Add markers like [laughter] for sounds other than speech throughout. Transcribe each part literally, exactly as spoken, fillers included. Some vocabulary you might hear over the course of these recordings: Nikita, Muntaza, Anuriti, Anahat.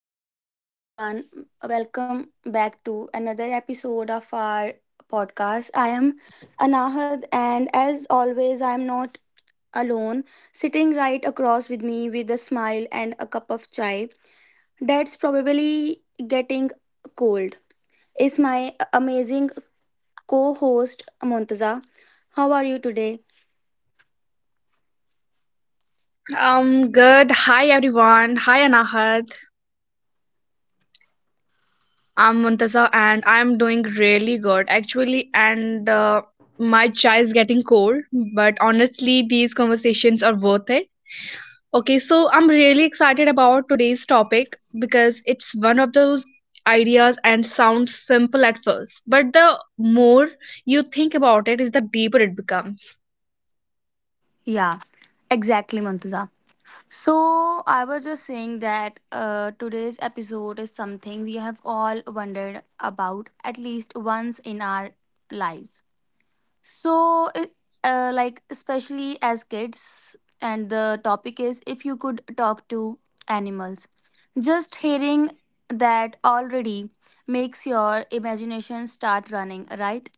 hello, hello, everyone. Welcome back to another episode of our podcast. I am Anahad, and as always, I am not alone. Sitting right across with me with a smile and a cup of chai that's probably getting cold is my amazing co host, Montaza. How are you today? Um, good. Hi, everyone. Hi, Anahat. I'm Muntaza, and I'm doing really good, actually. And uh, my chai is getting cold, but honestly, these conversations are worth it. Okay, so I'm really excited about today's topic because it's one of those ideas and sounds simple at first, but the more you think about it, is the deeper it becomes. Yeah, exactly, Montaza. So, I was just saying that uh, today's episode is something we have all wondered about at least once in our lives. So, it- uh, like, especially as kids, and the topic is if you could talk to animals. Just hearing that already makes your imagination start running, right?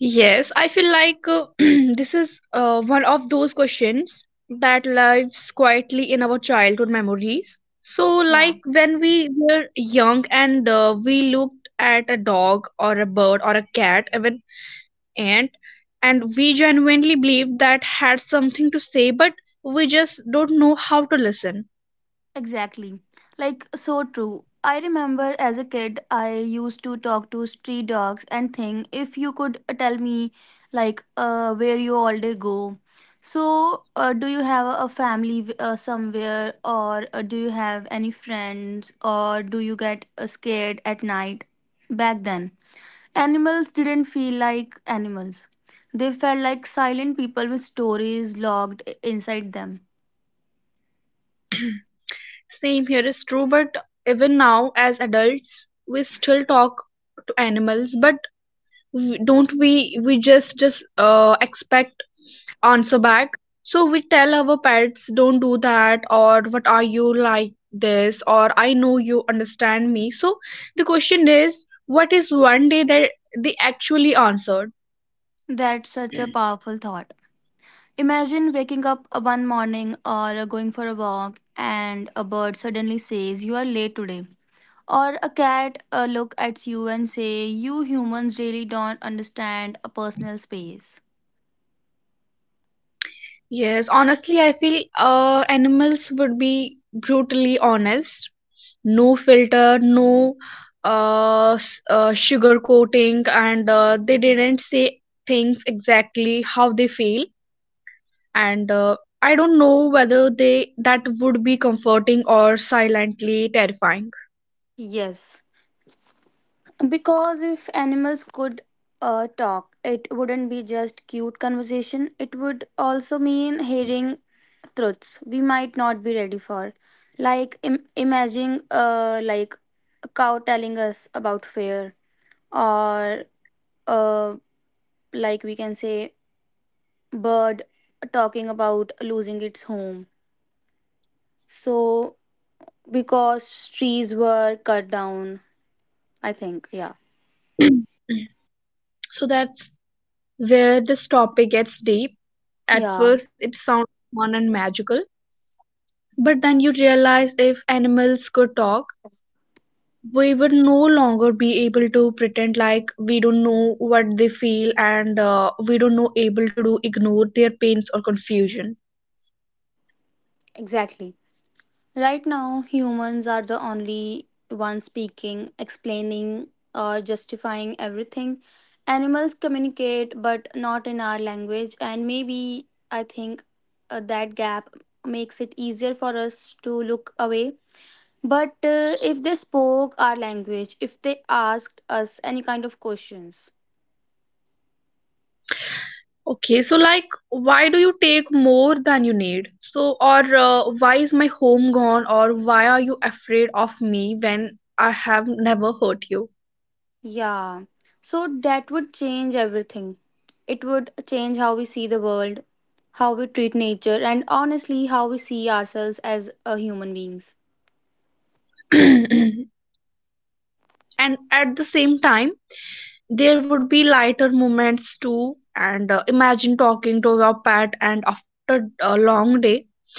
Yes, I feel like uh, [clears throat] this is uh, one of those questions that lives quietly in our childhood memories. So, Yeah. like when we were young and uh, we looked at a dog or a bird or a cat, even ant, and we genuinely believed that had something to say, but we just don't know how to listen. Exactly. Like, so true. I remember as a kid, I used to talk to street dogs and think if you could uh, tell me, like, uh, where you all day go. So, uh, do you have a family w- uh, somewhere, or uh, do you have any friends, or do you get uh, scared at night? Back then, animals didn't feel like animals. They felt like silent people with stories locked i- inside them. Same here is true, but even now as adults, we still talk to animals, but w- don't we we just just uh, expect answer back. So we tell our pets, don't do that, or what are you like this, or I know you understand me. So the question is, what is one day that they actually answered? That's such a powerful thought. Imagine waking up uh, one morning or uh, going for a walk and a bird suddenly says you are late today. Or a cat uh, look at you and say you humans really don't understand a personal space. Yes, honestly, I feel uh, animals would be brutally honest. No filter, no uh, s- uh sugar coating, and uh, they didn't say things exactly how they feel, and uh, I don't know whether they that would be comforting or silently terrifying. Yes, because if animals could uh, talk, it wouldn't be just cute conversation. It would also mean hearing truths we might not be ready for. Like Im- imagining uh, like a cow telling us about fear or uh, like we can say bird talking about losing its home, so because trees were cut down, I think. Yeah, [clears throat] So that's where this topic gets deep. At yeah, first it sounds fun and magical, but then you realize if animals could talk, we would no longer be able to pretend like we don't know what they feel, and uh, we don't know able to do ignore their pains or confusion. exactly. Right now humans are the only ones speaking, explaining, or justifying everything. Animals communicate but not in our language, and maybe, I think, uh, that gap makes it easier for us to look away. But uh, if they spoke our language, if they asked us any kind of questions, Okay, so like, why do you take more than you need? So, or uh, why is my home gone? Or why are you afraid of me when I have never hurt you? yeah, so that would change everything. It would change how we see the world, how we treat nature, and honestly, how we see ourselves as uh, human beings. [clears throat] And at the same time, there would be lighter moments too. And uh, imagine talking to your pet, and after a long day,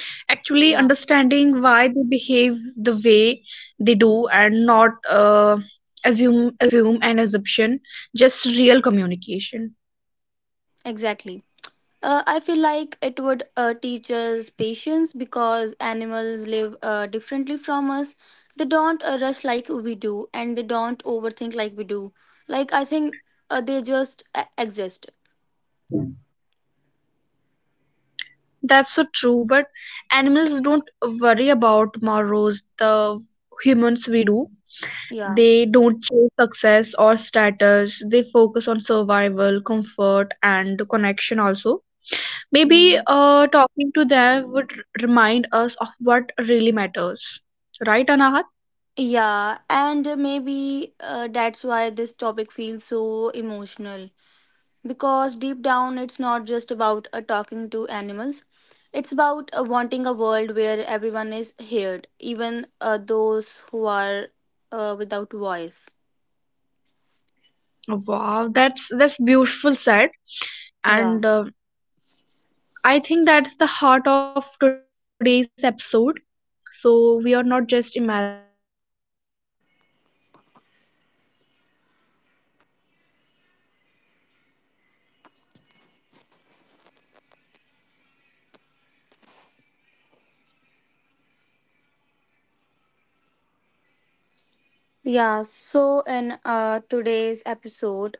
actually Yeah, understanding why they behave the way they do, and not uh, assume, assume an assumption, just real communication. exactly. Uh, I feel like it would uh, teach us patience because animals live uh, differently from us. They don't uh, rush like we do, and they don't overthink like we do. Like, I think uh, they just uh, exist. That's so true, but animals don't worry about morrows the humans we do. Yeah. They don't chase success or status. They focus on survival, comfort, and connection also. Maybe Mm. uh, talking to them would r- remind us of what really matters. Right, Anahat? Yeah, and maybe uh, that's why this topic feels so emotional. Because deep down, it's not just about uh, talking to animals. It's about uh, wanting a world where everyone is heard, even uh, those who are uh, without voice. Wow, that's that's beautiful said. Yeah. And uh, I think that's the heart of today's episode. So, we are not just imagining a fantasy, we are ex- exploring empathy or responsibilities, curiosity, and also connection. Yeah. So, in uh, today's episode,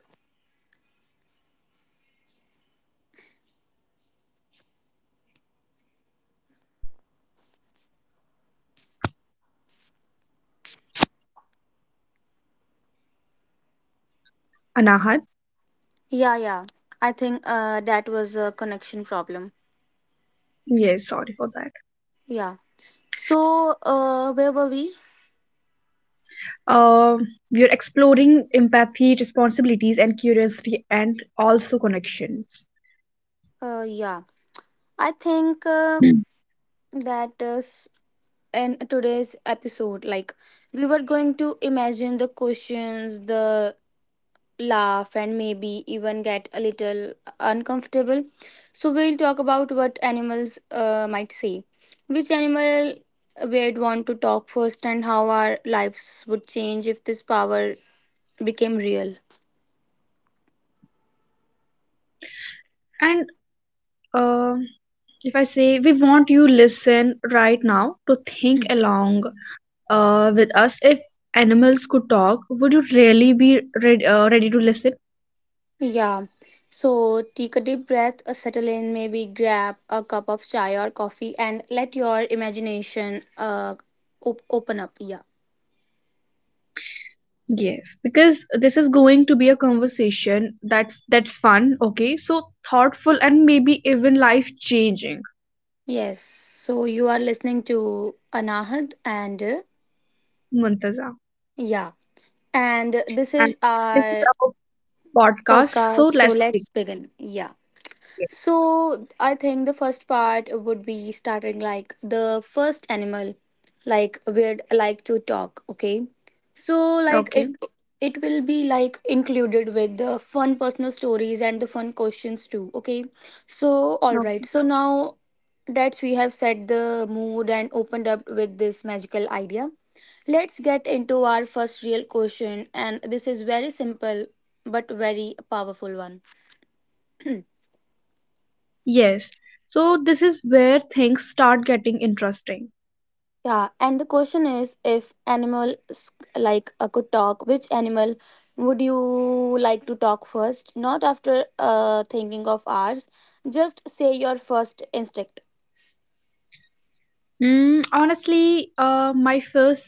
Anahat, yeah, yeah, I think uh, that was a connection problem. yes, sorry for that. Yeah. So, uh, where were we? Um, we are exploring empathy, responsibilities, and curiosity, and also connections. Uh, yeah. I think uh, Mm. that uh, s- in today's episode, like, we were going to imagine the questions, the laugh, and maybe even get a little uncomfortable. So we'll talk about what animals uh, might say, which animal we'd want to talk first, and how our lives would change if this power became real. And um if I say we want you listen right now to think along uh, with us. If animals could talk, would you really be read, uh, ready to listen? Yeah, so take a deep breath, uh, settle in, maybe grab a cup of chai or coffee, and let your imagination uh, op- open up. Yeah. Yes. Because this is going to be a conversation that that's fun, okay? So thoughtful and maybe even life changing, Yes, so you are listening to Anahad and uh, Muntaza. yeah, and this And is this is our our podcast, podcast. so So let's begin. let's begin. Yeah. So I think the first part would be starting like the first animal, like we'd like to talk. Okay, so like Okay. it it will be like included with the fun personal stories and the fun questions too. Okay, so all Okay. right. So now that we have set the mood and opened up with this magical idea, let's get into our first real question, and this is very simple but very powerful one. Yes. So this is where things start getting interesting. Yeah, and the question is if animals like uh, could talk, which animal would you like to talk first? Not after uh, thinking of ours, just say your first instinct. Mm, honestly, uh, my first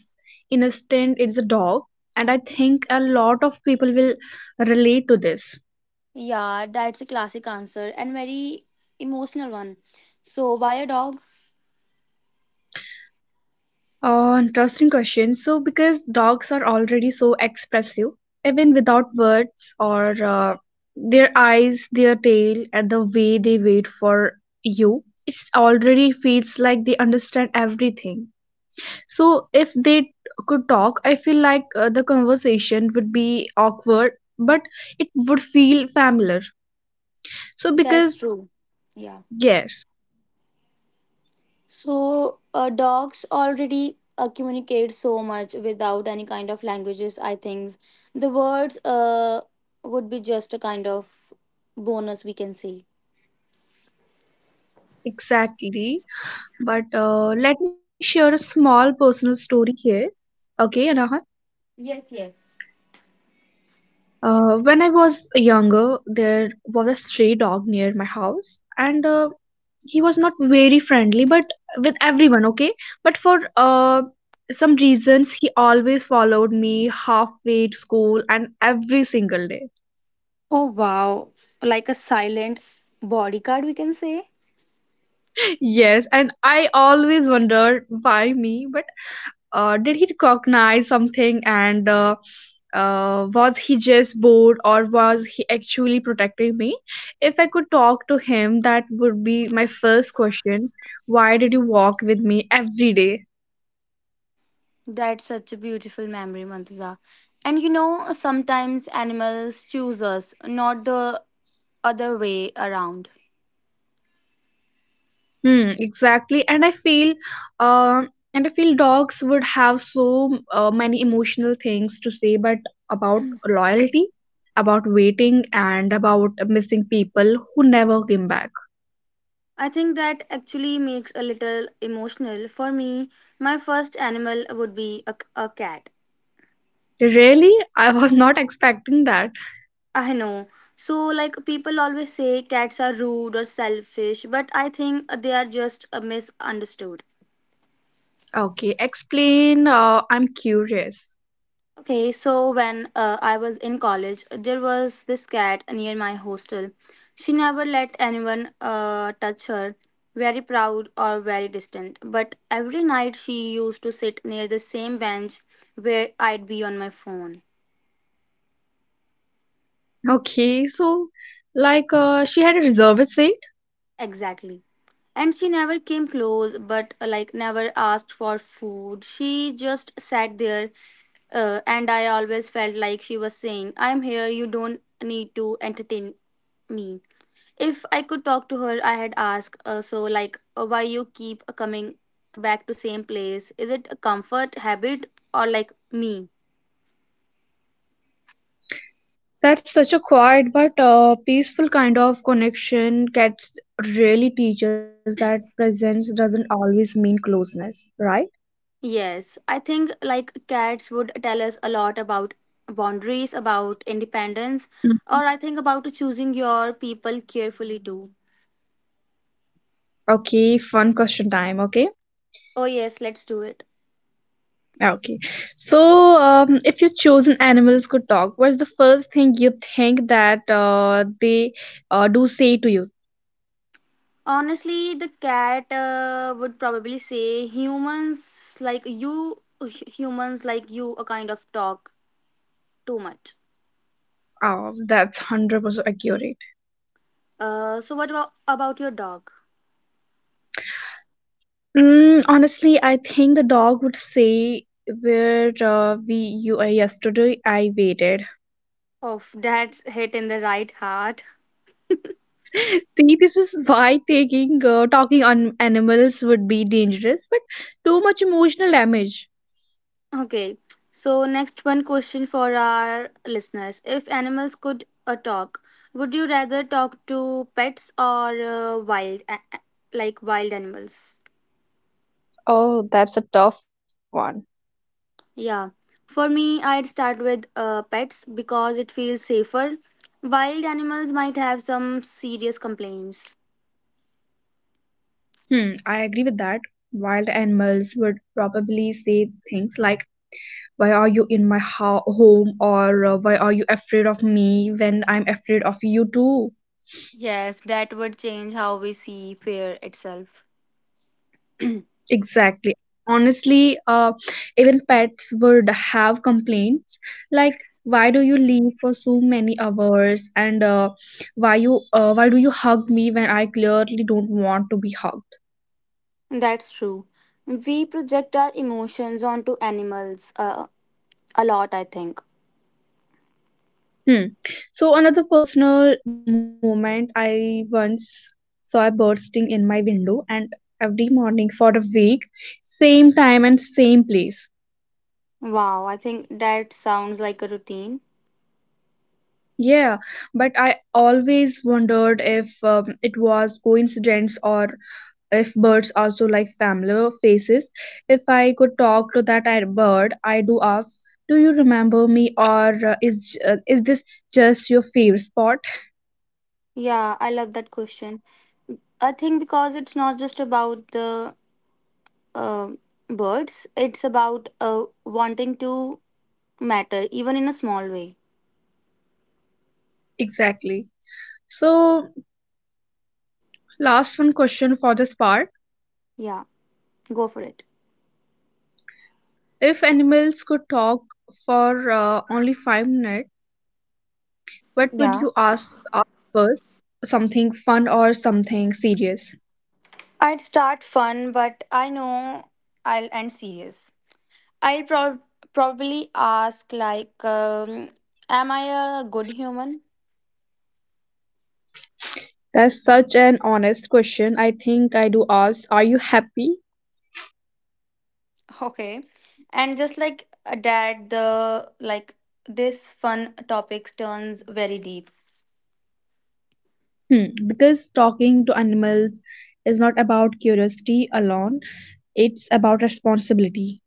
instinct is a dog, and I think a lot of people will relate to this. Yeah, that's a classic answer and very emotional one. So, why a dog? Uh, interesting question. So, because dogs are already so expressive, even without words or uh, their eyes, their tail, and the way they wait for you, it already feels like they understand everything. So if they could talk, I feel like uh, the conversation would be awkward, but it would feel familiar. So That's because true. Yeah. yes, So uh, dogs already uh, communicate so much without any kind of languages. I think the words uh, would be just a kind of bonus we can say. exactly. But uh, let me share a small personal story here. Okay, Anaha. Uh, when I was younger, there was a stray dog near my house, and uh, he was not very friendly but with everyone okay but for uh some reasons he always followed me halfway to school and every single day. Oh wow! Like a silent bodyguard, we can say. [laughs] Yes, and I always wondered why me. But uh did he recognize something, and uh, uh was he just bored, or was he actually protecting me? If I could talk to him, that would be my first question. Why did you walk with me every day? That's such a beautiful memory, Mantaza. And you know, sometimes animals choose us, not the other way around. Hmm, exactly. And I feel, uh, and I feel dogs would have so uh, many emotional things to say, but about loyalty, about waiting, and about missing people who never came back. I think that actually makes a little emotional for me. My first animal would be a, a cat. Really, [laughs] I was not expecting that. I know. So like people always say cats are rude or selfish, but I think they are just uh, misunderstood. Okay, explain. Uh, I'm curious. Okay, so when uh, I was in college, there was this cat near my hostel. She never let anyone uh, touch her, very proud or very distant. But every night she used to sit near the same bench where I'd be on my phone. Okay, so like uh, she had a reserved say. Exactly. And she never came close, but uh, like never asked for food. She just sat there, uh, and I always felt like she was saying, I'm here, you don't need to entertain me. If I could talk to her, I had asked, uh, so like, uh, why you keep coming back to same place? Is it a comfort habit or like me? That's such a quiet but uh, peaceful kind of connection. Cats really teaches that presence doesn't always mean closeness, right? Yes, I think like cats would tell us a lot about boundaries, about independence, Mm. or I think about choosing your people carefully too. Okay, fun question time. Okay, Oh, yes, let's do it. okay. So, um, if your chosen animals could talk, what's the first thing you think that uh, they uh, do say to you? Honestly, the cat uh, would probably say humans like you, h- humans like you, a kind of talk too much. Oh, that's one hundred percent accurate. Uh, so what about, about your dog? Mm, honestly, I think the dog would say, where uh, we you are yesterday, I waited. Oh, that's hit in the right heart. See, this is why taking uh, talking on animals would be dangerous, but too much emotional damage. Okay, so next one question for our listeners. If animals could uh, talk, would you rather talk to pets or uh, wild, a- a- like wild animals? Oh, that's a tough one. Yeah, for me, I'd start with uh, pets because it feels safer. Wild animals might have some serious complaints. Hmm, I agree with that. Wild animals would probably say things like, "Why are you in my ho- home?" or uh, "Why are you afraid of me when I'm afraid of you too?" Yes, that would change how we see fear itself. Exactly. Honestly, uh, even pets would have complaints like, why do you leave for so many hours? And uh, why you uh, why do you hug me when I clearly don't want to be hugged? That's true. We project our emotions onto animals uh, a lot, I think. Hmm. So another personal moment, I once saw a bird sting in my window, and every morning for a week, same time and same place. Wow, I think that sounds like a routine. Yeah, but I always wondered if um, it was coincidence or if birds also like familiar faces. If I could talk to that I- bird, I do ask, do you remember me? Or uh, is uh, is this just your favorite spot? Yeah, I love that question. I think because it's not just about the uh, birds, it's about uh, wanting to matter, even in a small way. Exactly. So last one question for this part, Yeah, go for it. if animals could talk for uh, only 5 minutes, what would Yeah. you ask, ask first? Something fun or something serious? I'd start fun, but I know I'll end serious. I'll prob probably ask, like, um, am I a good human? That's such an honest question. I think I do ask, are you happy? Okay. And just like a dad, the like this fun topics turns very deep. Hmm, because talking to animals is not about curiosity alone, it's about responsibility.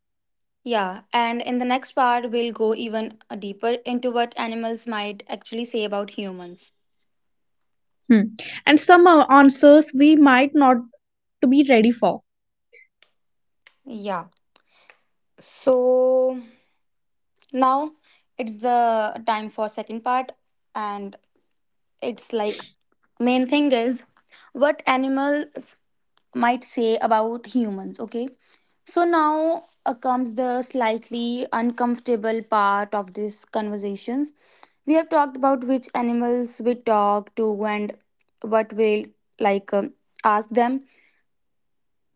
Yeah, and in the next part we'll go even uh, deeper into what animals might actually say about humans. Hmm. And some uh, answers we might not to be ready for. Yeah. So now it's the time for second part, and it's like main thing is what animals might say about humans, okay? So now uh, comes the slightly uncomfortable part of these conversations. We have talked about which animals we talk to and what we'll like um ask them.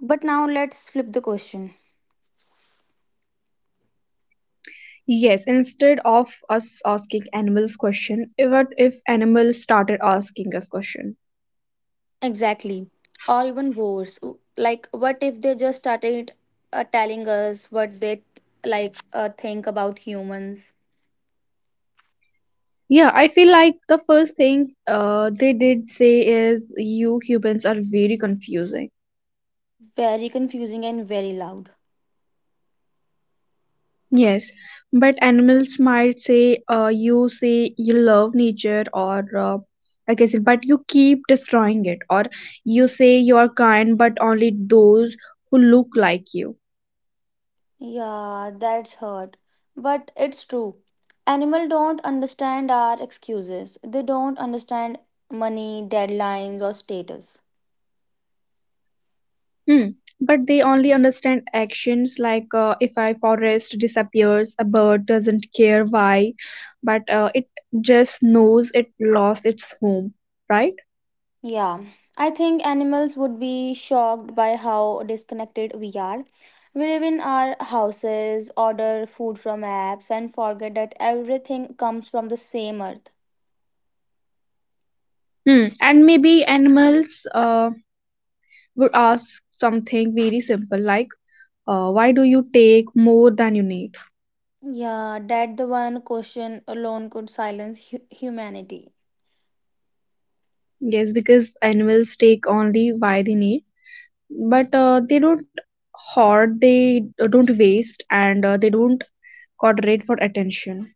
But now let's flip the question. Yes, instead of us asking animals question, eh, what if animals started asking us question? Exactly. Or even worse. w- Like, what if they just started uh, telling us what they like uh, think about humans? Yeah, I feel like the first thing uh, they did say is you humans are very confusing. Very confusing and very loud. Yes, but animals might say, uh, you say you love nature, or uh, like I said, but you keep destroying it, or you say you are kind, but only those who look like you. Yeah, that's hurt. But it's true. Animals don't understand our excuses. They don't understand money, deadlines, or status. Hmm. But they only understand actions, like uh, if a forest disappears, a bird doesn't care why, but uh, it just knows it lost its home, right? Yeah, I think animals would be shocked by how disconnected we are. We live in our houses, order food from apps, and forget that everything comes from the same earth. Hmm. And maybe animals uh, would ask something very simple like, Uh, why do you take more than you need? Yeah, that the one question alone could silence hu- humanity. Yes, because animals take only why they need, but uh, they don't hoard, they uh, don't waste, and uh, they don't coordinate for attention.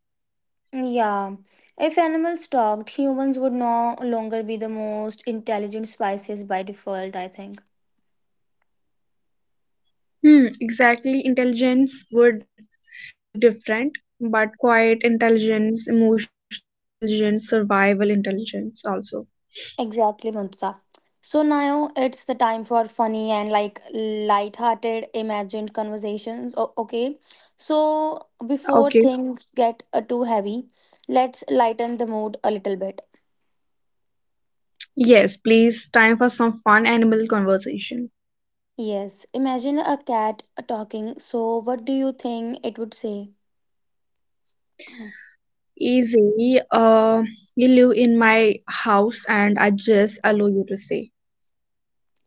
Yeah, if animals talked, humans would no longer be the most intelligent species by default, I think. Hmm, exactly. Intelligence would look different, but quiet intelligence, emotional intelligence, survival intelligence also. Exactly, Mantuta. So now it's the time for funny and like light-hearted imagined conversations. O- okay. So Okay. before things get uh, too heavy, let's lighten the mood a little bit. Yes, please, time for some fun animal conversation. Yes, imagine a cat uh, talking. So what do you think it would say? Easy. Uh, you live in my house and I just allow you to say.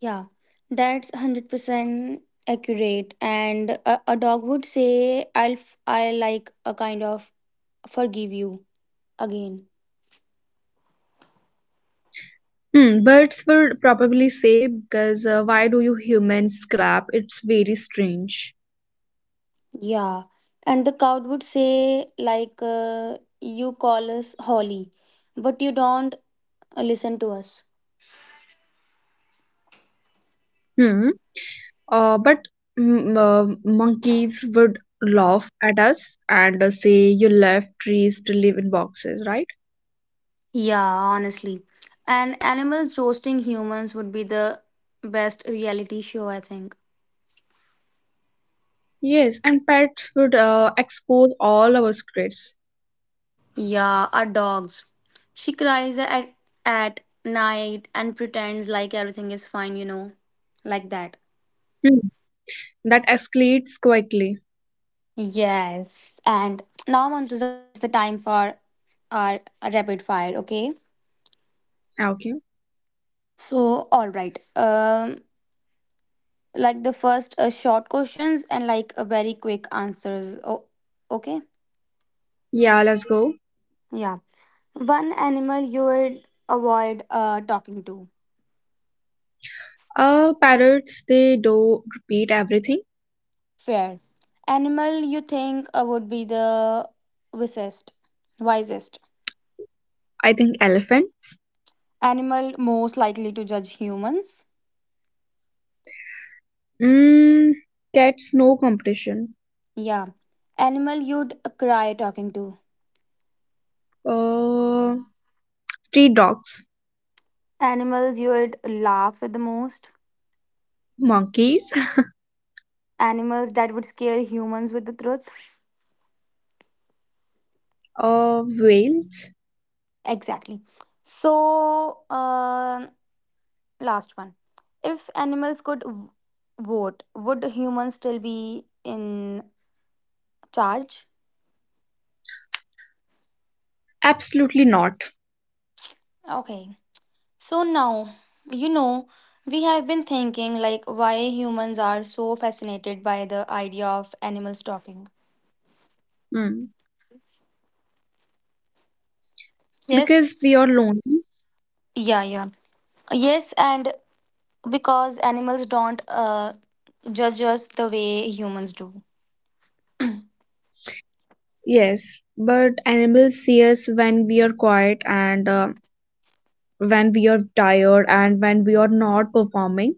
Yeah, that's one hundred percent accurate. And a, a dog would say, I'll, f- I like a kind of forgive you again. Hmm, birds would probably say, because uh, why do you humans clap? It's very strange. Yeah. And the cow would say, like, uh, you call us Holly, but you don't uh, listen to us. Hmm. Uh, but mm, uh, monkeys would laugh at us and uh, say you left trees to live in boxes, right? Yeah, honestly. And animals roasting humans would be the best reality show, I think. Yes, and pets would uh, expose all our secrets. Yeah, our dogs. She cries at, at night and pretends like everything is fine, you know, like that. Hmm. That escalates quickly. Yes, and now, Montuza, it's the time for our rapid fire, okay? Okay. So, all right. Um, like the first uh, short questions and like a very quick answers. Oh, okay. Yeah, let's go. Yeah. One animal you would avoid uh, talking to. Uh, parrots, they do repeat everything. Fair. Animal you think uh, would be the wisest, wisest. I think elephants. Animal most likely to judge humans. Mm, cats, no competition. Yeah. Animal you'd cry talking to. Uh, Street dogs, Animals you would laugh with the most. monkeys, Animals that would scare humans with the truth. uh, whales, Exactly. So, uh, last one. If animals could v- vote, would humans still be in charge? absolutely not. Okay. So now, you know, we have been thinking like why humans are so fascinated by the idea of animals talking. Mm. Yes? Because we are lonely, Yeah, yeah. Yes, and because animals don't uh, judge us the way humans do. yes. But animals see us when we are quiet and uh, when we are tired and when we are not performing.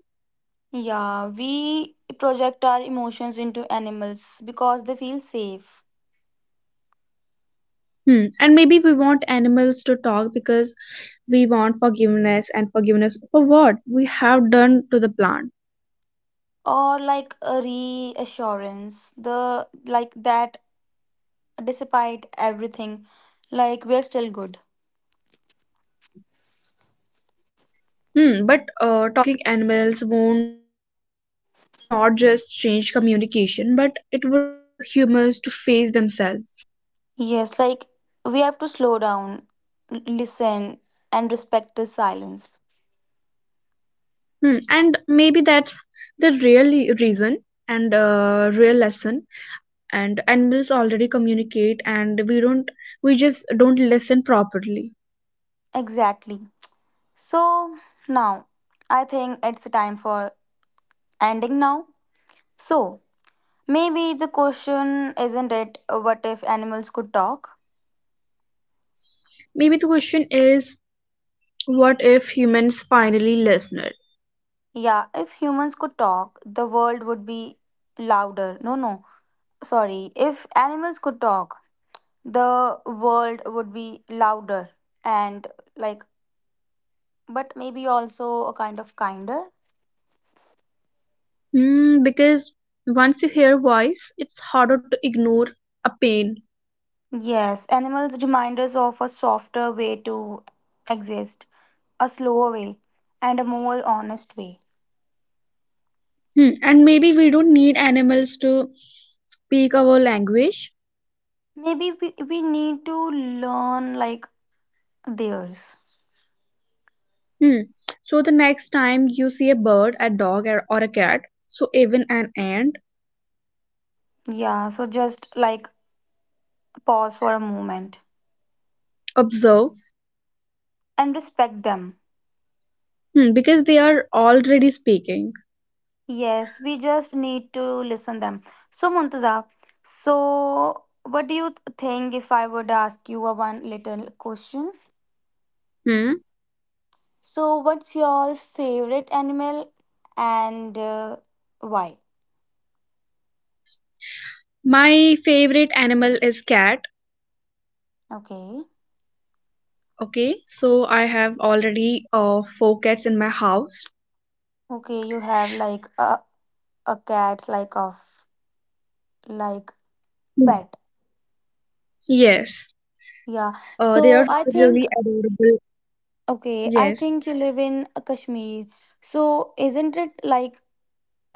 Yeah, we project our emotions into animals because they feel safe, Hmm. And maybe we want animals to talk because we want forgiveness and forgiveness for what we have done to the plant. or like a reassurance the like that despite everything like we're still good. Hmm, but uh, talking animals won't uh, would not just change communication, but it would force humans to face themselves. Yes, like we have to slow down, l- listen, and respect the silence. Hmm, and maybe that's the real reason and uh, real lesson, and animals already communicate and we don't, we just don't listen properly. Exactly. So now, I think it's time for ending now. So maybe the question isn't it uh, what if animals could talk? Maybe the question is, what if humans finally listened? Yeah, if humans could talk, the world would be louder. No, no, sorry. If animals could talk, the world would be louder and, like, but maybe also a kind of kinder. Hmm, because once you hear voice, it's harder to ignore a pain. Yes, animals remind us of a softer way to exist, a slower way, and a more honest way. Hmm. And maybe we don't need animals to speak our language. Maybe we, we need to learn like theirs. Hmm. So the next time you see a bird, a dog, or, or a cat, so even an ant, Yeah, so just like pause for a moment observe. and respect them. Hmm. Because they are already speaking. Yes, we just need to listen them. So Muntaza, so what do you th- think if I would ask you a one little question? Hmm. So, what's your favorite animal and uh, why? My favorite animal is cat. Okay. Okay. So I have already uh, four cats in my house. Okay, you have like a, a cat, like of like Hmm. pet. Yes. Yeah. Uh, they are So I Yeah. think really adorable. okay, I Yes. think you live in Kashmir. So isn't it like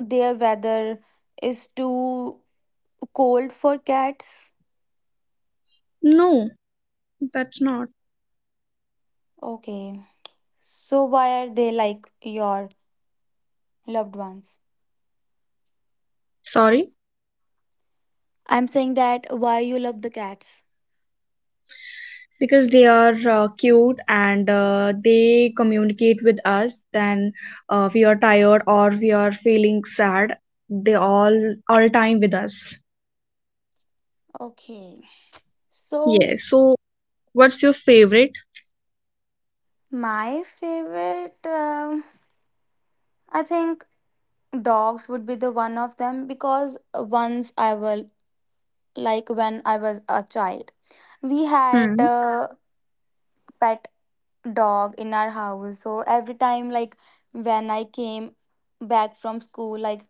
their weather is too cold for cats? No, that's not. Okay. So why are they like your loved ones? Sorry, I'm saying that why you love the cats. because they are uh, cute and uh, they communicate with us. Then uh, we are tired or we are feeling sad. They all all time with us. Okay. So Yes. So, what's your favorite? My favorite, um, I think dogs would be the one of them because once I was like when I was a child, we had Hmm. a pet dog in our house. So every time, like when I came back from school, like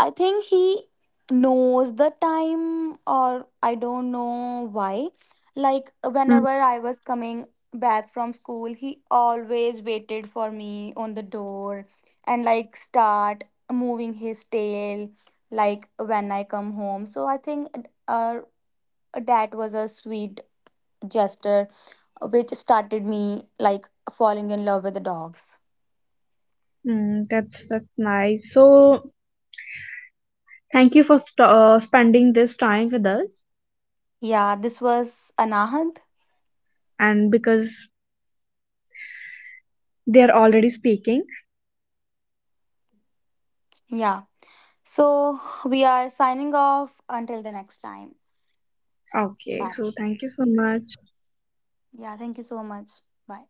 I think he knows the time, or I don't know why. Like, Hmm. whenever I was coming back from school, he always waited for me on the door and, like, start moving his tail, like, when I come home. So, I think uh, that was a sweet gesture which started me, like, falling in love with the dogs. Mm, that's that's nice. So thank you for st uh, spending this time with us, Yeah, this was Anahad. and because they are already speaking. Yeah. So we are signing off until the next time. Okay, Bye. so thank you so much. Yeah, thank you so much. Bye.